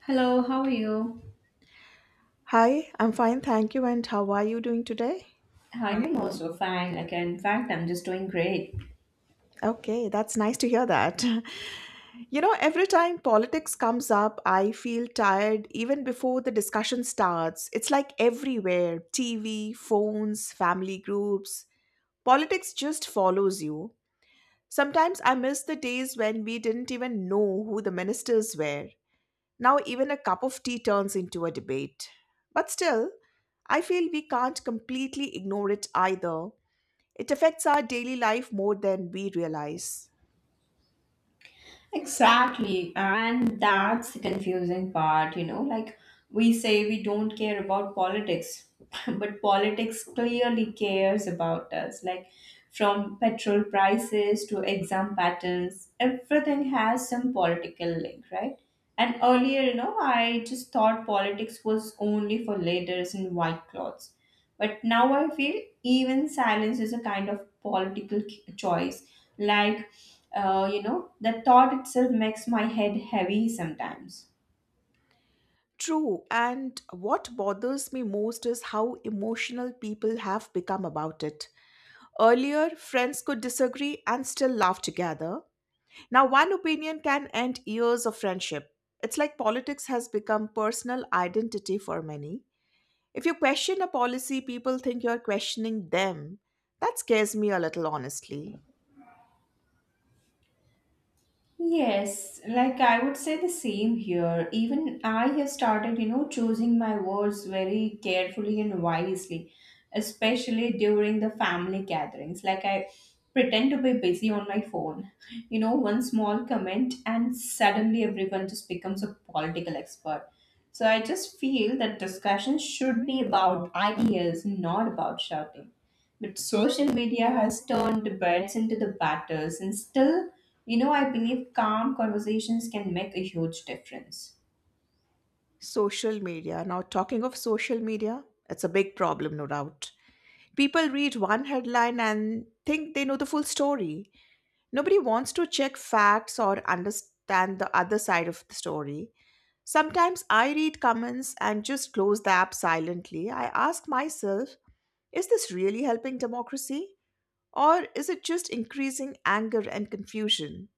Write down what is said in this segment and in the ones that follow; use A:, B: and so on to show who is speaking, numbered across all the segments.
A: Hello, how are you?
B: Hi, I'm fine, thank you. And how are you doing today?
A: I'm also fine. Like, in fact, I'm just doing great.
B: Okay, that's nice to hear that. You know, every time politics comes up, I feel tired even before the discussion starts. It's like everywhere TV, phones, family groups. Politics just follows you. Sometimes I miss the days when we didn't even know who the ministers were. Now, even a cup of tea turns into a debate. But still, I feel we can't completely ignore it either. It affects our daily life more than we realize.
A: Exactly. And that's the confusing part. Like, we say we don't care about politics, but politics clearly cares about us. Like, from petrol prices to exam patterns, everything has some political link, right? And earlier, I just thought politics was only for leaders in white clothes. But now I feel even silence is a kind of political choice. Like, the thought itself makes my head heavy sometimes.
B: True, and what bothers me most is how emotional people have become about it. Earlier, friends could disagree and still laugh together. Now, one opinion can end years of friendship. It's like politics has become personal identity for many. If you question a policy, people think you're questioning them. That scares me a little, honestly.
A: Yes, like I would say the same here. Even I have started, choosing my words very carefully and wisely, especially during the family gatherings. Like I pretend to be busy on my phone. One small comment, and suddenly everyone just becomes a political expert. So I just feel that discussion should be about ideas, not about shouting. But social media has turned birds into the batters, and still, I believe calm conversations can make a huge difference.
B: Social media. Now, talking of social media, it's a big problem, no doubt. People read one headline and think they know the full story. Nobody wants to check facts or understand the other side of the story. Sometimes I read comments and just close the app silently. I ask myself, is this really helping democracy? Or is it just increasing anger and confusion?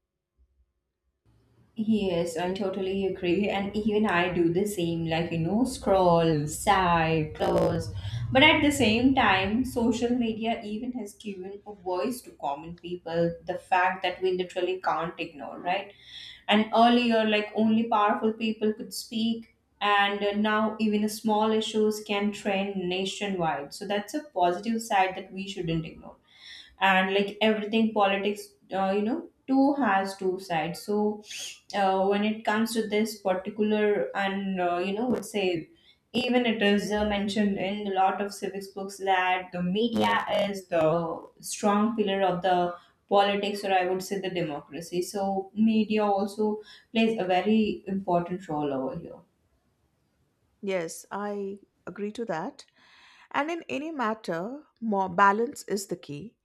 A: Yes, I totally agree. And even I do the same, like, scroll, swipe, close. But at the same time, social media even has given a voice to common people, the fact that we literally can't ignore, right? And earlier, like, only powerful people could speak, and now even small issues can trend nationwide. So that's a positive side that we shouldn't ignore. And like, everything politics too has two sides. So when it comes to this particular, and would say, even it is mentioned in a lot of civics books that the media is the strong pillar of the politics, or I would say the democracy. So media also plays a very important role over here.
B: Yes, I agree to that. And in any matter, more balance is the key.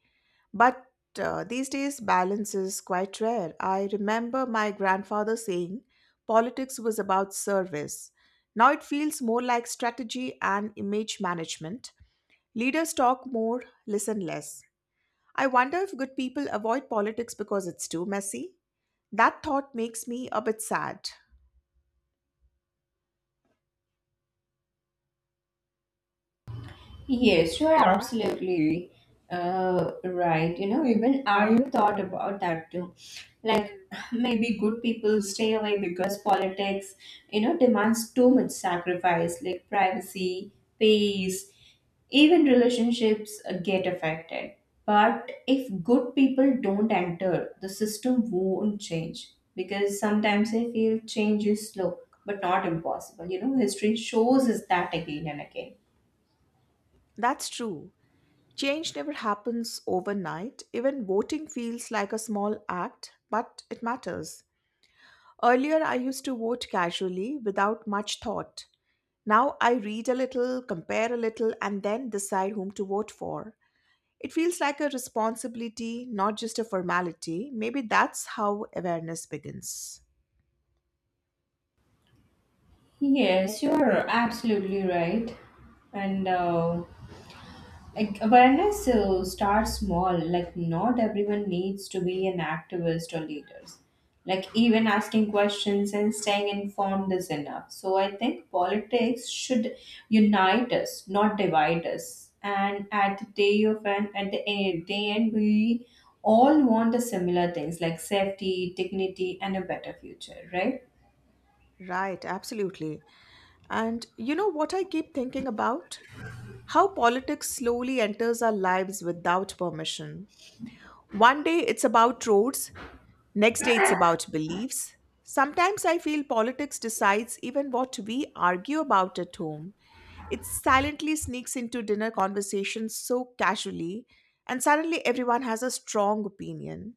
B: But these days, balance is quite rare. I remember my grandfather saying politics was about service. Now it feels more like strategy and image management. Leaders talk more, listen less. I wonder if good people avoid politics because it's too messy. That thought makes me a bit sad.
A: Yes, you are absolutely right. You know, even I thought about that too. Like, maybe good people stay away because politics, demands too much sacrifice, like privacy, peace, even relationships get affected. But if good people don't enter, the system won't change, because sometimes I feel change is slow but not impossible. History shows us that again and again.
B: That's true. Change never happens overnight. Even voting feels like a small act, but it matters. Earlier, I used to vote casually without much thought. Now I read a little, compare a little, and then decide whom to vote for. It feels like a responsibility, not just a formality. Maybe that's how awareness begins.
A: Yes, you're absolutely right. And like, awareness starts small. Like, not everyone needs to be an activist or leaders. Like, even asking questions and staying informed is enough. So, I think politics should unite us, not divide us. And at the day of end, at the end, day end, we all want the similar things like safety, dignity, and a better future, right?
B: Right, absolutely. And you know what I keep thinking about? How politics slowly enters our lives without permission. One day it's about roads, next day it's about beliefs. Sometimes I feel politics decides even what we argue about at home. It silently sneaks into dinner conversations so casually, and suddenly everyone has a strong opinion.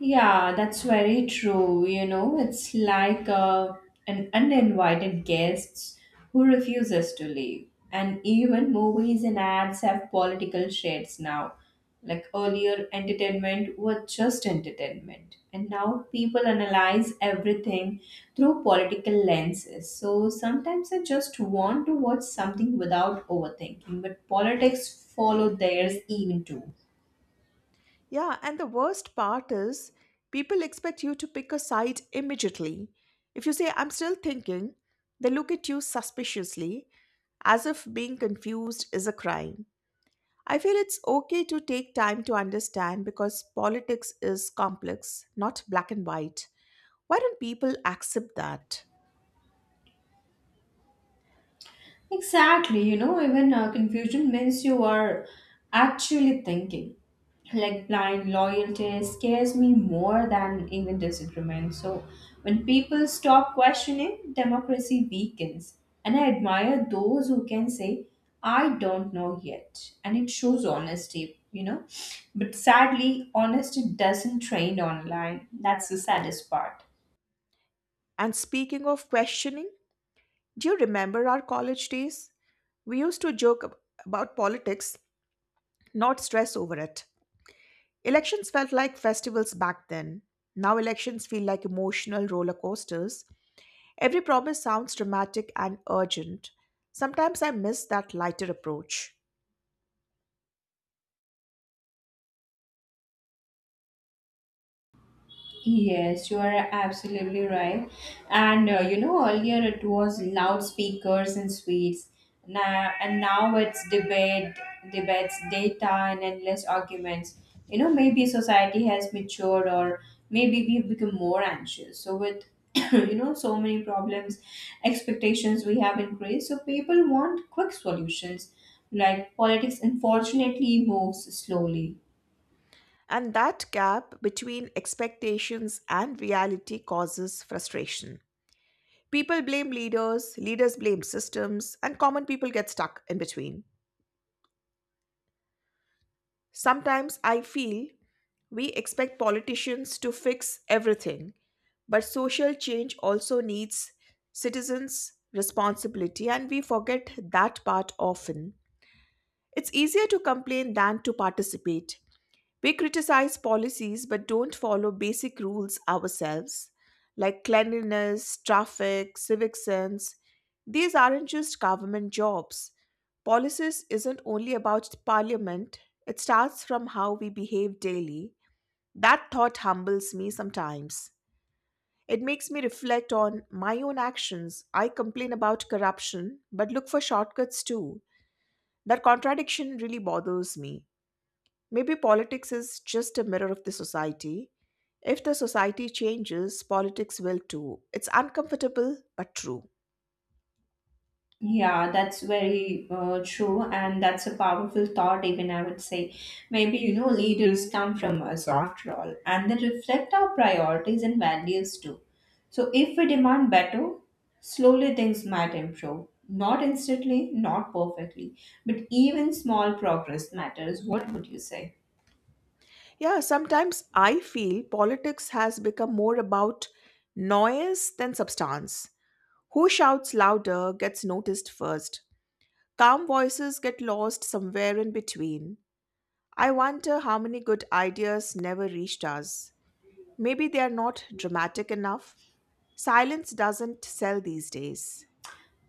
A: Yeah, that's very true. It's like an uninvited guest who refuses to leave. And even movies and ads have political shades now. Like earlier, entertainment was just entertainment, and now people analyze everything through political lenses. So sometimes I just want to watch something without overthinking, but politics follow theirs even too.
B: Yeah, and the worst part is people expect you to pick a side immediately. If you say, I'm still thinking, they look at you suspiciously, as if being confused is a crime. I feel it's okay to take time to understand because politics is complex, not black and white. Why don't people accept that?
A: Exactly. Even confusion means you are actually thinking. Like, blind loyalty scares me more than even disagreement. So when people stop questioning, democracy weakens. And I admire those who can say, I don't know yet. And it shows honesty. But sadly, honesty doesn't trend online. That's the saddest part.
B: And speaking of questioning, do you remember our college days? We used to about politics, not stress over it. Elections felt like festivals back then. Now elections feel like emotional roller coasters. Every promise sounds dramatic and urgent. Sometimes I miss that lighter approach.
A: Yes, you are absolutely right. And earlier it was loudspeakers and suites. Now it's debates, data, and endless arguments. You know, maybe society has matured, or maybe we've become more anxious. So with so many problems, expectations we have increased. So people want quick solutions. Like politics, unfortunately, moves slowly.
B: And that gap between expectations and reality causes frustration. People blame leaders, leaders blame systems, and common people get stuck in between. Sometimes I feel we expect politicians to fix everything, but social change also needs citizens' responsibility, and we forget that part often. It's easier to complain than to participate. We criticize policies but don't follow basic rules ourselves, like cleanliness, traffic, civic sense. These aren't just government jobs. Policies isn't only about parliament, it starts from how we behave daily. That thought humbles me sometimes. It makes me reflect on my own actions. I complain about corruption, but look for shortcuts too. That contradiction really bothers me. Maybe politics is just a mirror of the society. If the society changes, politics will too. It's uncomfortable, but true.
A: Yeah, that's very true, and that's a powerful thought, even I would say. Maybe, leaders come from us after all, and they reflect our priorities and values too. So, if we demand better, slowly things might improve. Not instantly, not perfectly, but even small progress matters. What would you say?
B: Yeah, sometimes I feel politics has become more about noise than substance. Who shouts louder gets noticed first. Calm voices get lost somewhere in between. I wonder how many good ideas never reached us. Maybe they are not dramatic enough. Silence doesn't sell these days.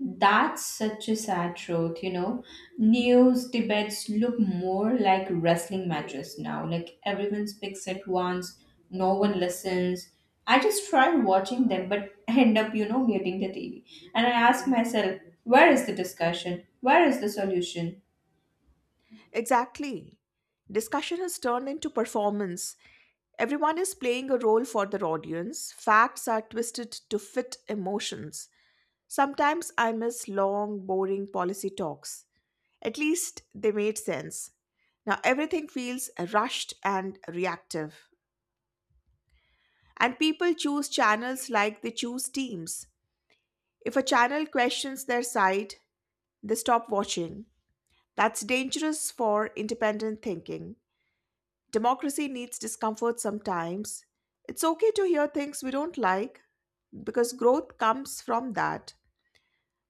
A: That's such a sad truth. News debates look more like wrestling matches now. Like everyone speaks at once, no one listens. I just try watching them, but end up, muting the TV. And I ask myself, where is the discussion? Where is the solution?
B: Exactly. Discussion has turned into performance. Everyone is playing a role for their audience. Facts are twisted to fit emotions. Sometimes I miss long, boring policy talks. At least they made sense. Now everything feels rushed and reactive. And people choose channels like they choose teams. If a channel questions their side, they stop watching. That's dangerous for independent thinking. Democracy needs discomfort sometimes. It's okay to hear things we don't like because growth comes from that.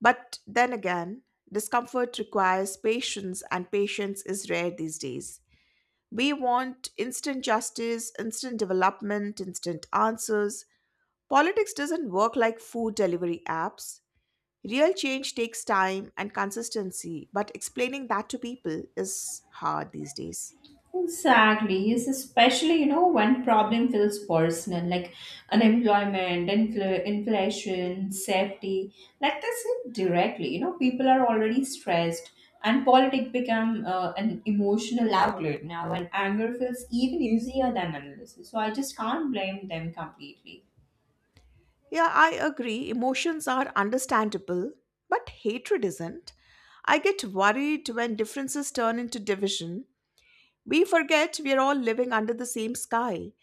B: But then again, discomfort requires patience, and patience is rare these days. We want instant justice, instant development, instant answers. Politics doesn't work like food delivery apps. Real change takes time and consistency, but explaining that to people is hard these days.
A: Exactly. Yes, especially, when problem feels personal, like unemployment, inflation, safety, like that's it directly. You know, people are already stressed, and politics become an emotional outlet now, and anger feels even easier than analysis. So I just can't blame them completely.
B: Yeah, I agree. Emotions are understandable, but hatred isn't. I get worried when differences turn into division. We forget we're all living under the same sky.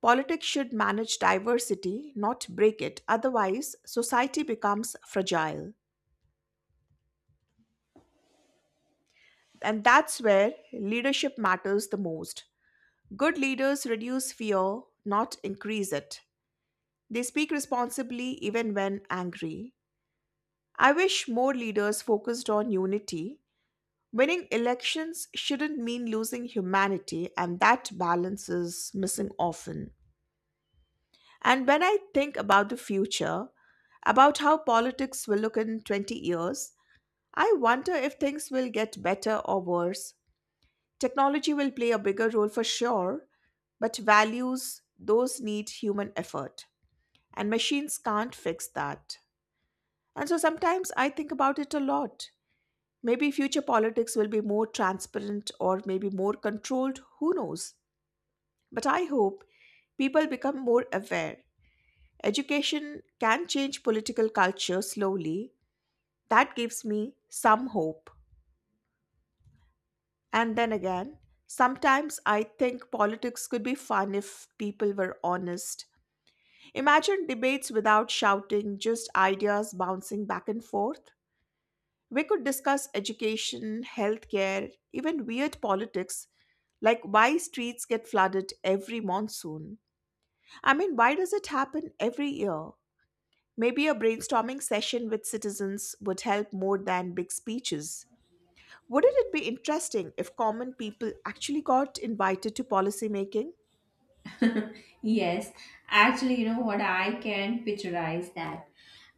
B: Politics should manage diversity, not break it. Otherwise, society becomes fragile. And that's where leadership matters the most. Good leaders reduce fear, not increase it. They speak responsibly even when angry. I wish more leaders focused on unity. Winning elections shouldn't mean losing humanity, and that balance is missing often. And when I think about the future, about how politics will look in 20 years, I wonder if things will get better or worse. Technology will play a bigger role for sure, but values, those need human effort. And machines can't fix that. And so sometimes I think about it a lot. Maybe future politics will be more transparent or maybe more controlled, who knows. But I hope people become more aware. Education can change political culture slowly. That gives me some hope. And then again, sometimes I think politics could be fun if people were honest. Imagine debates without shouting, just ideas bouncing back and forth. We could discuss education, healthcare, even weird politics, like why streets get flooded every monsoon. I mean, why does it happen every year? Maybe a brainstorming session with citizens would help more than big speeches. Wouldn't it be interesting if common people actually got invited to policy making?
A: Yes, actually, you know what? I can picturize that.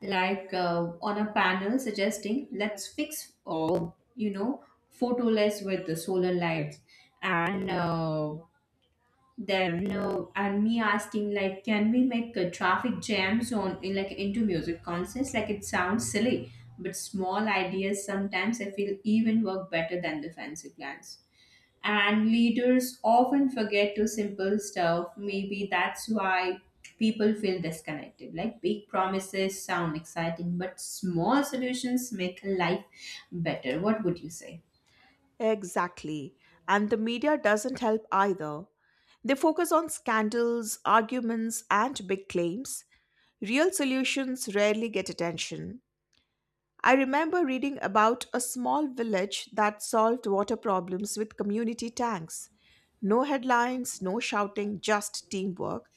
A: Like, on a panel suggesting, let's fix, you know, photoless with the solar lights. And uh, and me asking, like, can we make traffic jams on, in, like, into music concerts? Like, it sounds silly, but small ideas sometimes I feel even work better than the fancy plans. And leaders often forget to simple stuff. Maybe that's why people feel disconnected. Like, big promises sound exciting, but small solutions make life better. What would you say?
B: Exactly. And the media doesn't help either. They focus on scandals, arguments, and big claims. Real solutions rarely get attention. I remember reading about a small village that solved water problems with community tanks. No headlines, no shouting, just teamwork.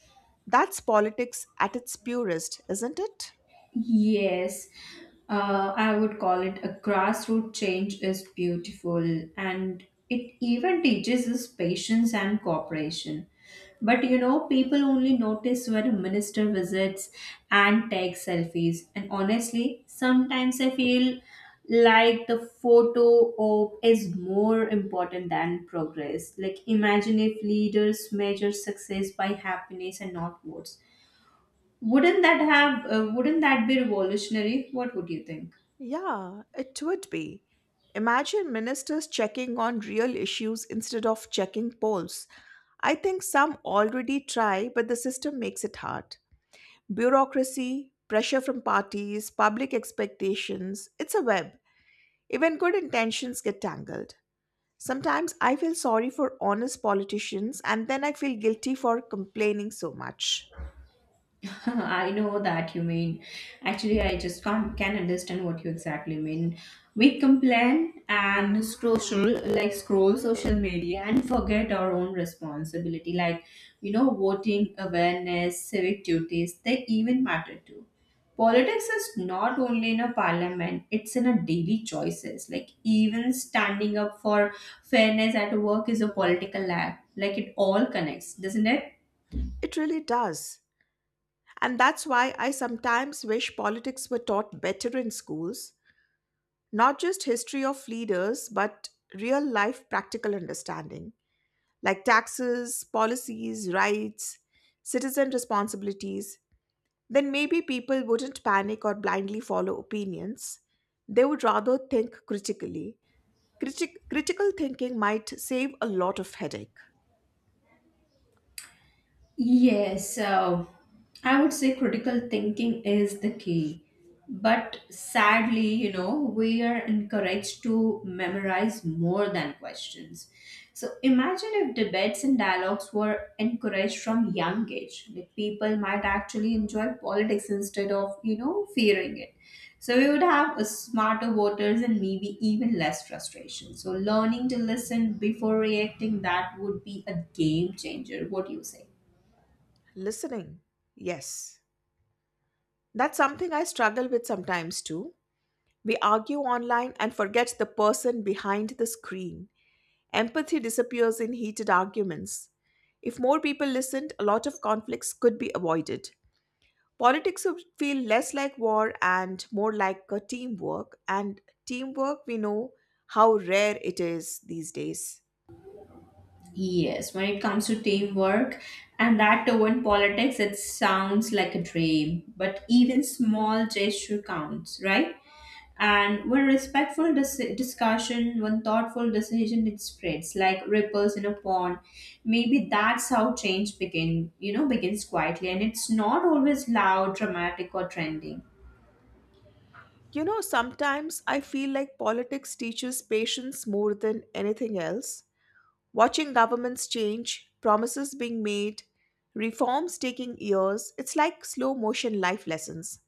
B: That's politics at its purest, isn't it?
A: Yes, I would call it a grassroots change is beautiful, and it even teaches us patience and cooperation. But you know, people only notice when a minister visits and takes selfies. And honestly, sometimes I feel like the photo op is more important than progress. Like, imagine if leaders measure success by happiness and not votes, wouldn't that be revolutionary? What would you think?
B: Yeah, it would be. Imagine ministers checking on real issues instead of checking polls. I think some already try, but the system makes it hard. Bureaucracy, pressure from parties, public expectations, it's a web. Even good intentions get tangled. Sometimes I feel sorry for honest politicians and then I feel guilty for complaining so much.
A: I know that you mean. Actually, I just can't can understand what you exactly mean. We complain and scroll social media, and forget our own responsibility, like, voting, awareness, civic duties. They even matter too. Politics is not only in a parliament; it's in a daily choices. Like, even standing up for fairness at work is a political act. Like, it all connects, doesn't it?
B: It really does. And that's why I sometimes wish politics were taught better in schools. Not just history of leaders, but real life practical understanding, like taxes, policies, rights, citizen responsibilities. Then maybe people wouldn't panic or blindly follow opinions. They would rather think critically. Critical thinking might save a lot of headache.
A: Yes, I would say critical thinking is the key. But sadly, we are encouraged to memorize more than questions. So imagine if debates and dialogues were encouraged from young age. Like, people might actually enjoy politics instead of, fearing it. So we would have a smarter voters and maybe even less frustration. So learning to listen before reacting, that would be a game changer. What do you say?
B: Listening, yes. That's something I struggle with sometimes too. We argue online and forget the person behind the screen. Empathy disappears in heated arguments. If more people listened, a lot of conflicts could be avoided. Politics would feel less like war and more like a teamwork, and teamwork we know how rare it is these days.
A: Yes, when it comes to teamwork, and that too in politics, it sounds like a dream, but even small gesture counts, right? And when respectful discussion, when thoughtful decision, it spreads like ripples in a pond. Maybe that's how change begins quietly, and it's not always loud, dramatic, or trending.
B: You know, sometimes I feel like politics teaches patience more than anything else. Watching governments change, promises being made, reforms taking years, it's like slow motion life lessons.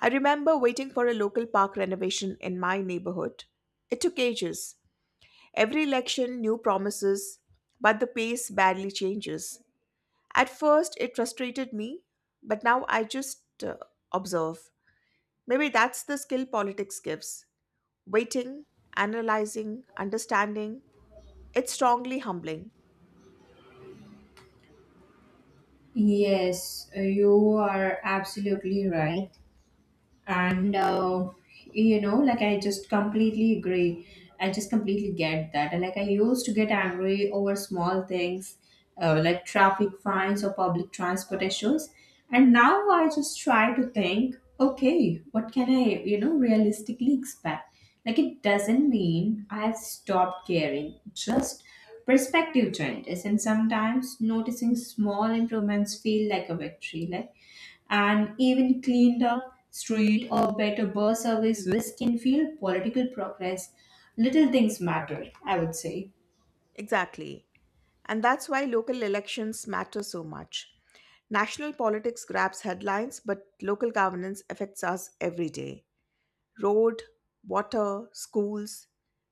B: I remember waiting for a local park renovation in my neighborhood. It took ages. Every election, new promises, but the pace barely changes. At first, it frustrated me, but now I just observe. Maybe that's the skill politics gives: waiting, analyzing, understanding. It's strongly humbling.
A: Yes, you are absolutely right. And you know, like, I just completely get that. And like, I used to get angry over small things, like traffic fines or public transport issues. And now I just try to think, okay, what can I realistically expect? Like, it doesn't mean I've stopped caring, just perspective changes. And sometimes noticing small improvements feel like a victory. Like, and even cleaner street or better bus service, this can feel political progress. Little things matter, I would say.
B: Exactly. And that's why local elections matter so much. National politics grabs headlines, but local governance affects us every day. Road, water, schools.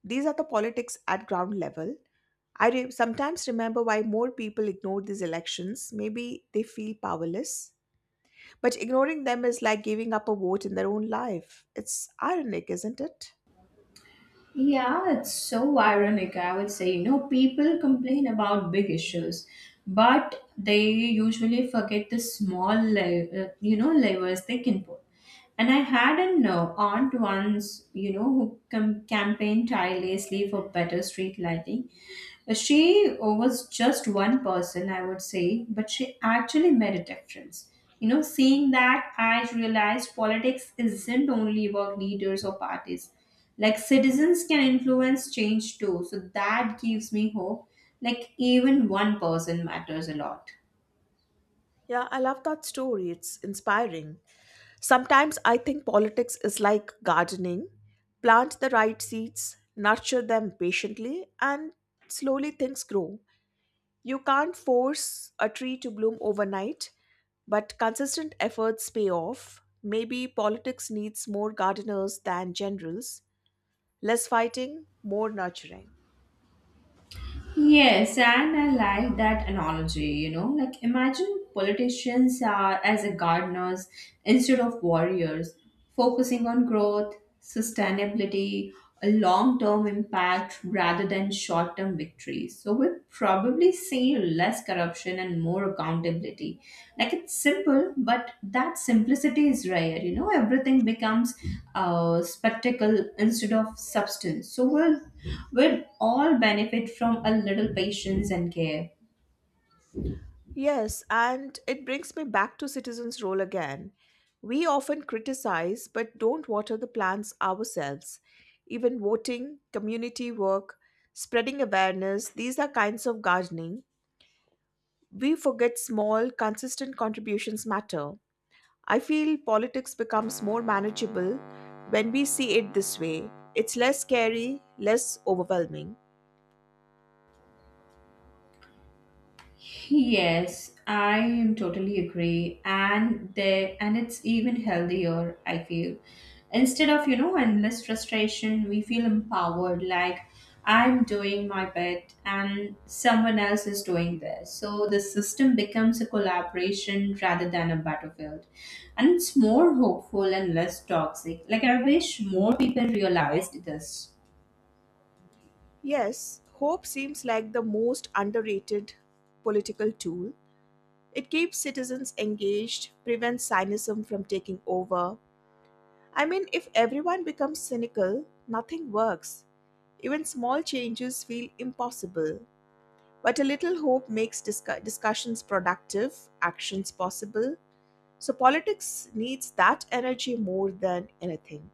B: These are the politics at ground level. Sometimes remember why more people ignore these elections. Maybe they feel powerless. But ignoring them is like giving up a vote in their own life. It's ironic, isn't it?
A: Yeah, it's so ironic, I would say. You know, people complain about big issues, but they usually forget the small, levers they can pull. And I had an aunt once, who campaigned tirelessly for better street lighting. She was just one person, I would say, but she actually made a difference. You know, seeing that, I realized politics isn't only about leaders or parties. Like, citizens can influence change too, so that gives me hope. Like, even one person matters a lot.
B: Yeah, I love that story. It's inspiring. Sometimes I think politics is like gardening: plant the right seeds, nurture them patiently, and slowly things grow. You can't force a tree to bloom overnight, but consistent efforts pay off. Maybe politics needs more gardeners than generals, less fighting, more nurturing.
A: Yes, and I like that analogy, like, imagine politicians are as a gardeners instead of warriors, focusing on growth, sustainability, a long-term impact rather than short-term victories. So we probably see less corruption and more accountability. Like, it's simple, but that simplicity is rare. You know, everything becomes a spectacle instead of substance. So we'll all benefit from a little patience and care.
B: Yes, and it brings me back to citizens' role again. We often criticize but don't water the plants ourselves. Even voting, community work, spreading awareness, these are kinds of gardening. We forget small, consistent contributions matter. I feel politics becomes more manageable when we see it this way. It's less scary, less overwhelming.
A: Yes, I am totally agree, and there, and it's even healthier. I feel instead of endless frustration, we feel empowered. Like, I'm doing my bit, and someone else is doing this. So the system becomes a collaboration rather than a battlefield, and it's more hopeful and less toxic. Like, I wish more people realized this.
B: Yes, hope seems like the most underrated political tool. It keeps citizens engaged, prevents cynicism from taking over. I mean, if everyone becomes cynical, nothing works. Even small changes feel impossible. But a little hope makes discussions productive, actions possible. So, politics needs that energy more than anything.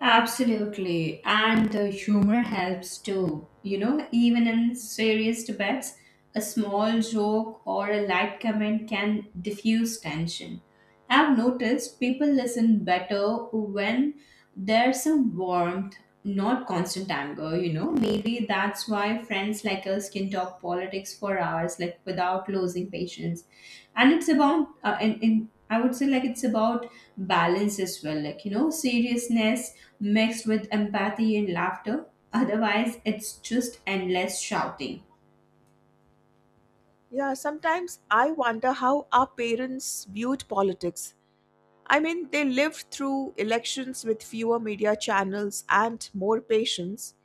A: Absolutely. And the humor helps too. You know, even in serious debates, a small joke or a light comment can diffuse tension. I've noticed people listen better when there's some warmth, not constant anger, maybe that's why friends like us can talk politics for hours, like, without losing patience. And it's about and I would say, like, it's about balance as well, like, you know, seriousness mixed with empathy and laughter. Otherwise it's just endless shouting.
B: Yeah, sometimes I wonder how our parents viewed politics. I mean, they lived through elections with fewer media channels and more patience.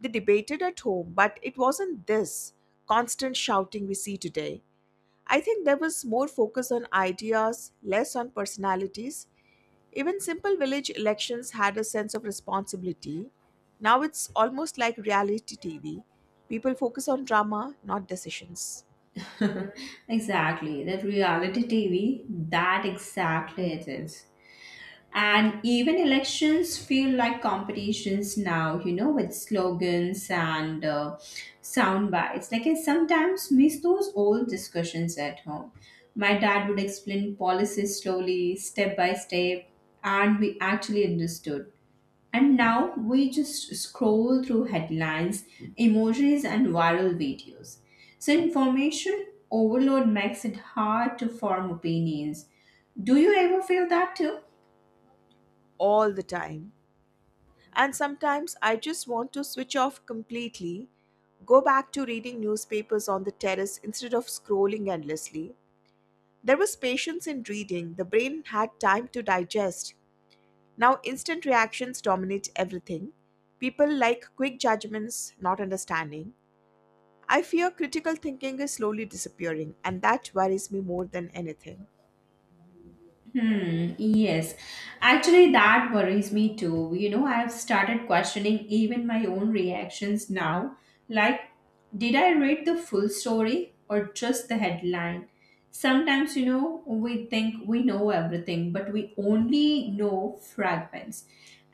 B: They debated at home, but it wasn't this constant shouting we see today. I think there was more focus on ideas, less on personalities. Even simple village elections had a sense of responsibility. Now it's almost like reality TV. People focus on drama, not decisions,
A: Exactly, that reality TV, that exactly it is. And even elections feel like competitions now, you know, with slogans and sound bites. Like, I sometimes miss those old discussions at home. My dad would explain policies slowly, step by step, and we actually understood. And now we just scroll through headlines, emojis, and viral videos. So information overload makes it hard to form opinions. Do you ever feel that too?
B: all the time. And sometimes I just want to switch off completely, go back to reading newspapers on the terrace instead of scrolling endlessly. There was patience in reading, the brain had time to digest. Now, instant reactions dominate everything. People like quick judgments, not understanding. I fear critical thinking is slowly disappearing, and that worries me more than anything.
A: Hmm, yes. Actually, that worries me too. You know, I've started questioning even my own reactions now. Like, did I read the full story or just the headline? Sometimes, you know, we think we know everything, but we only know fragments.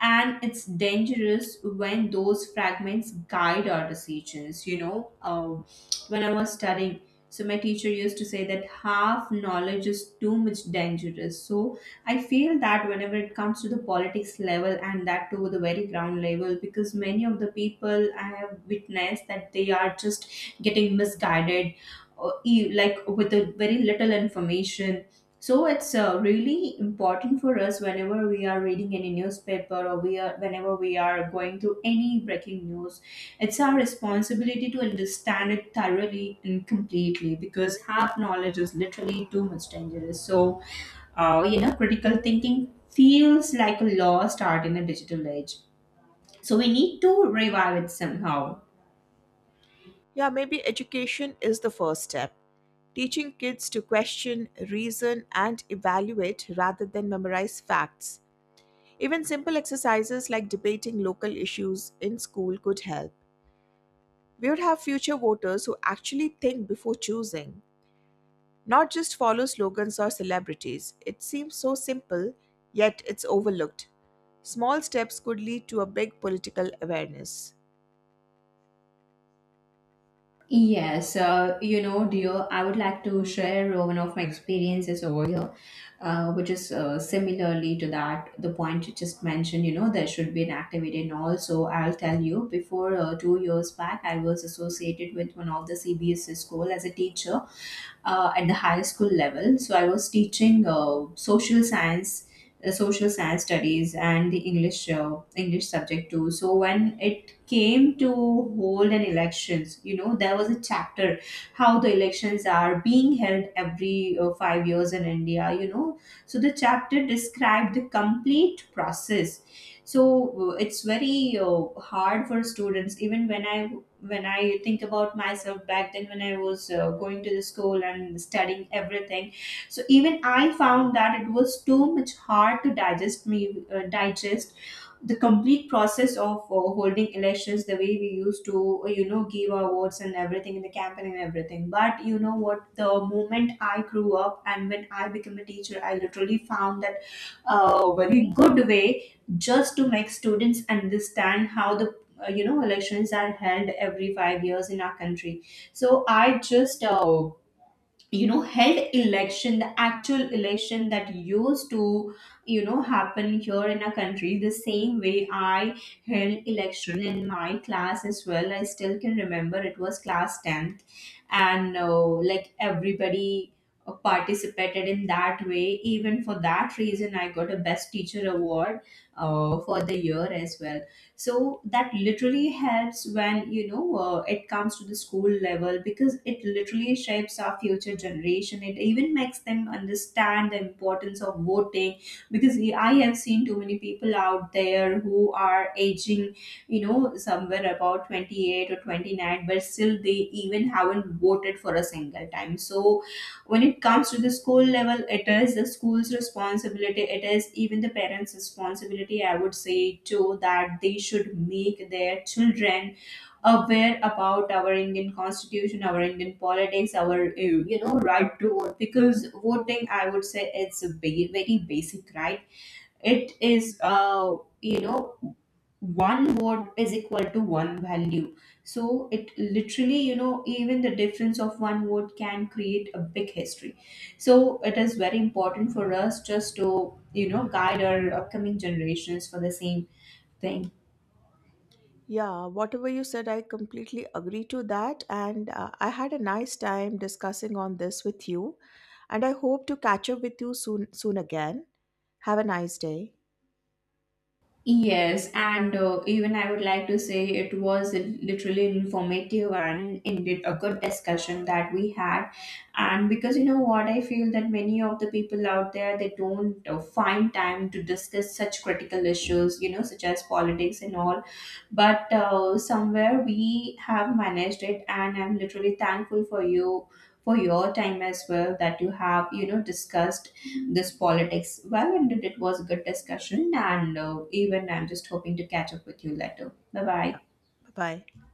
A: And it's dangerous when those fragments guide our decisions. When I was studying, so my teacher used to say that half knowledge is too much dangerous. So I feel that whenever it comes to the politics level, and that to the very ground level, because many of the people I have witnessed that they are just getting misguided, or like with a very little information. So it's really important for us whenever we are reading any newspaper, or we are whenever we are going through any breaking news. It's our responsibility to understand it thoroughly and completely, because half knowledge is literally too much dangerous. So, you know, critical thinking feels like a lost art in a digital age. So we need to revive it somehow.
B: Yeah, maybe education is the first step. Teaching kids to question, reason, and evaluate rather than memorize facts. Even simple exercises like debating local issues in school could help. We would have future voters who actually think before choosing, not just follow slogans or celebrities. It seems so simple, yet it's overlooked. Small steps could lead to a big political awareness.
A: Yes, you know, dear, I would like to share one of my experiences over here, which is similarly to that, the point you just mentioned, you know, there should be an activity and all. So I'll tell you, before 2 years back, I was associated with one of the CBSC school as a teacher at the high school level. So I was teaching social science studies, and the English subject too. So when it came to hold an elections, you know, there was a chapter how the elections are being held every 5 years in india, you know. So the chapter described the complete process. So it's very hard for students. Even when I think about myself back then when I was going to the school and studying everything, so even I found that it was too much hard to digest me, digest the complete process of holding elections, the way we used to you know, give our votes and everything in the campaign and everything. But you know what, the moment I grew up and when I became a teacher, I literally found that very good way just to make students understand how the you know, elections are held every 5 years in our country. So I just you know, held election, the actual election that used to, you know, happen here in our country, the same way I held election in my class as well. I still can remember, it was class 10th. And like, everybody participated in that way. Even for that reason I got a best teacher award for the year as well. So that literally helps when, you know, it comes to the school level, because it literally shapes our future generation. It even makes them understand the importance of voting, because I have seen too many people out there who are aging, you know, somewhere about 28 or 29, but still they even haven't voted for a single time. So when it comes to the school level, it is the school's responsibility, it is even the parents responsibility, I would say too, that they should make their children aware about our Indian constitution, our Indian politics, our you know, right to vote. Because voting, I would say, it's a very basic right. It is, you know, one vote is equal to one value. So it literally, you know, even the difference of one vote can create a big history. So it is very important for us just to, you know, guide our upcoming generations for the same thing.
B: Yeah, whatever you said, I completely agree to that. And I had a nice time discussing on this with you. And I hope to catch up with you soon again. Have a nice day.
A: Yes, and even I would like to say it was literally informative and indeed a good discussion that we had. And because you know what, I feel that many of the people out there, they don't find time to discuss such critical issues, you know, such as politics and all. But somewhere we have managed it, and I'm literally thankful for you for your time as well, that you have, you know, discussed this politics well, and it was a good discussion. And even I'm just hoping to catch up with you later. Bye bye.
B: Bye bye.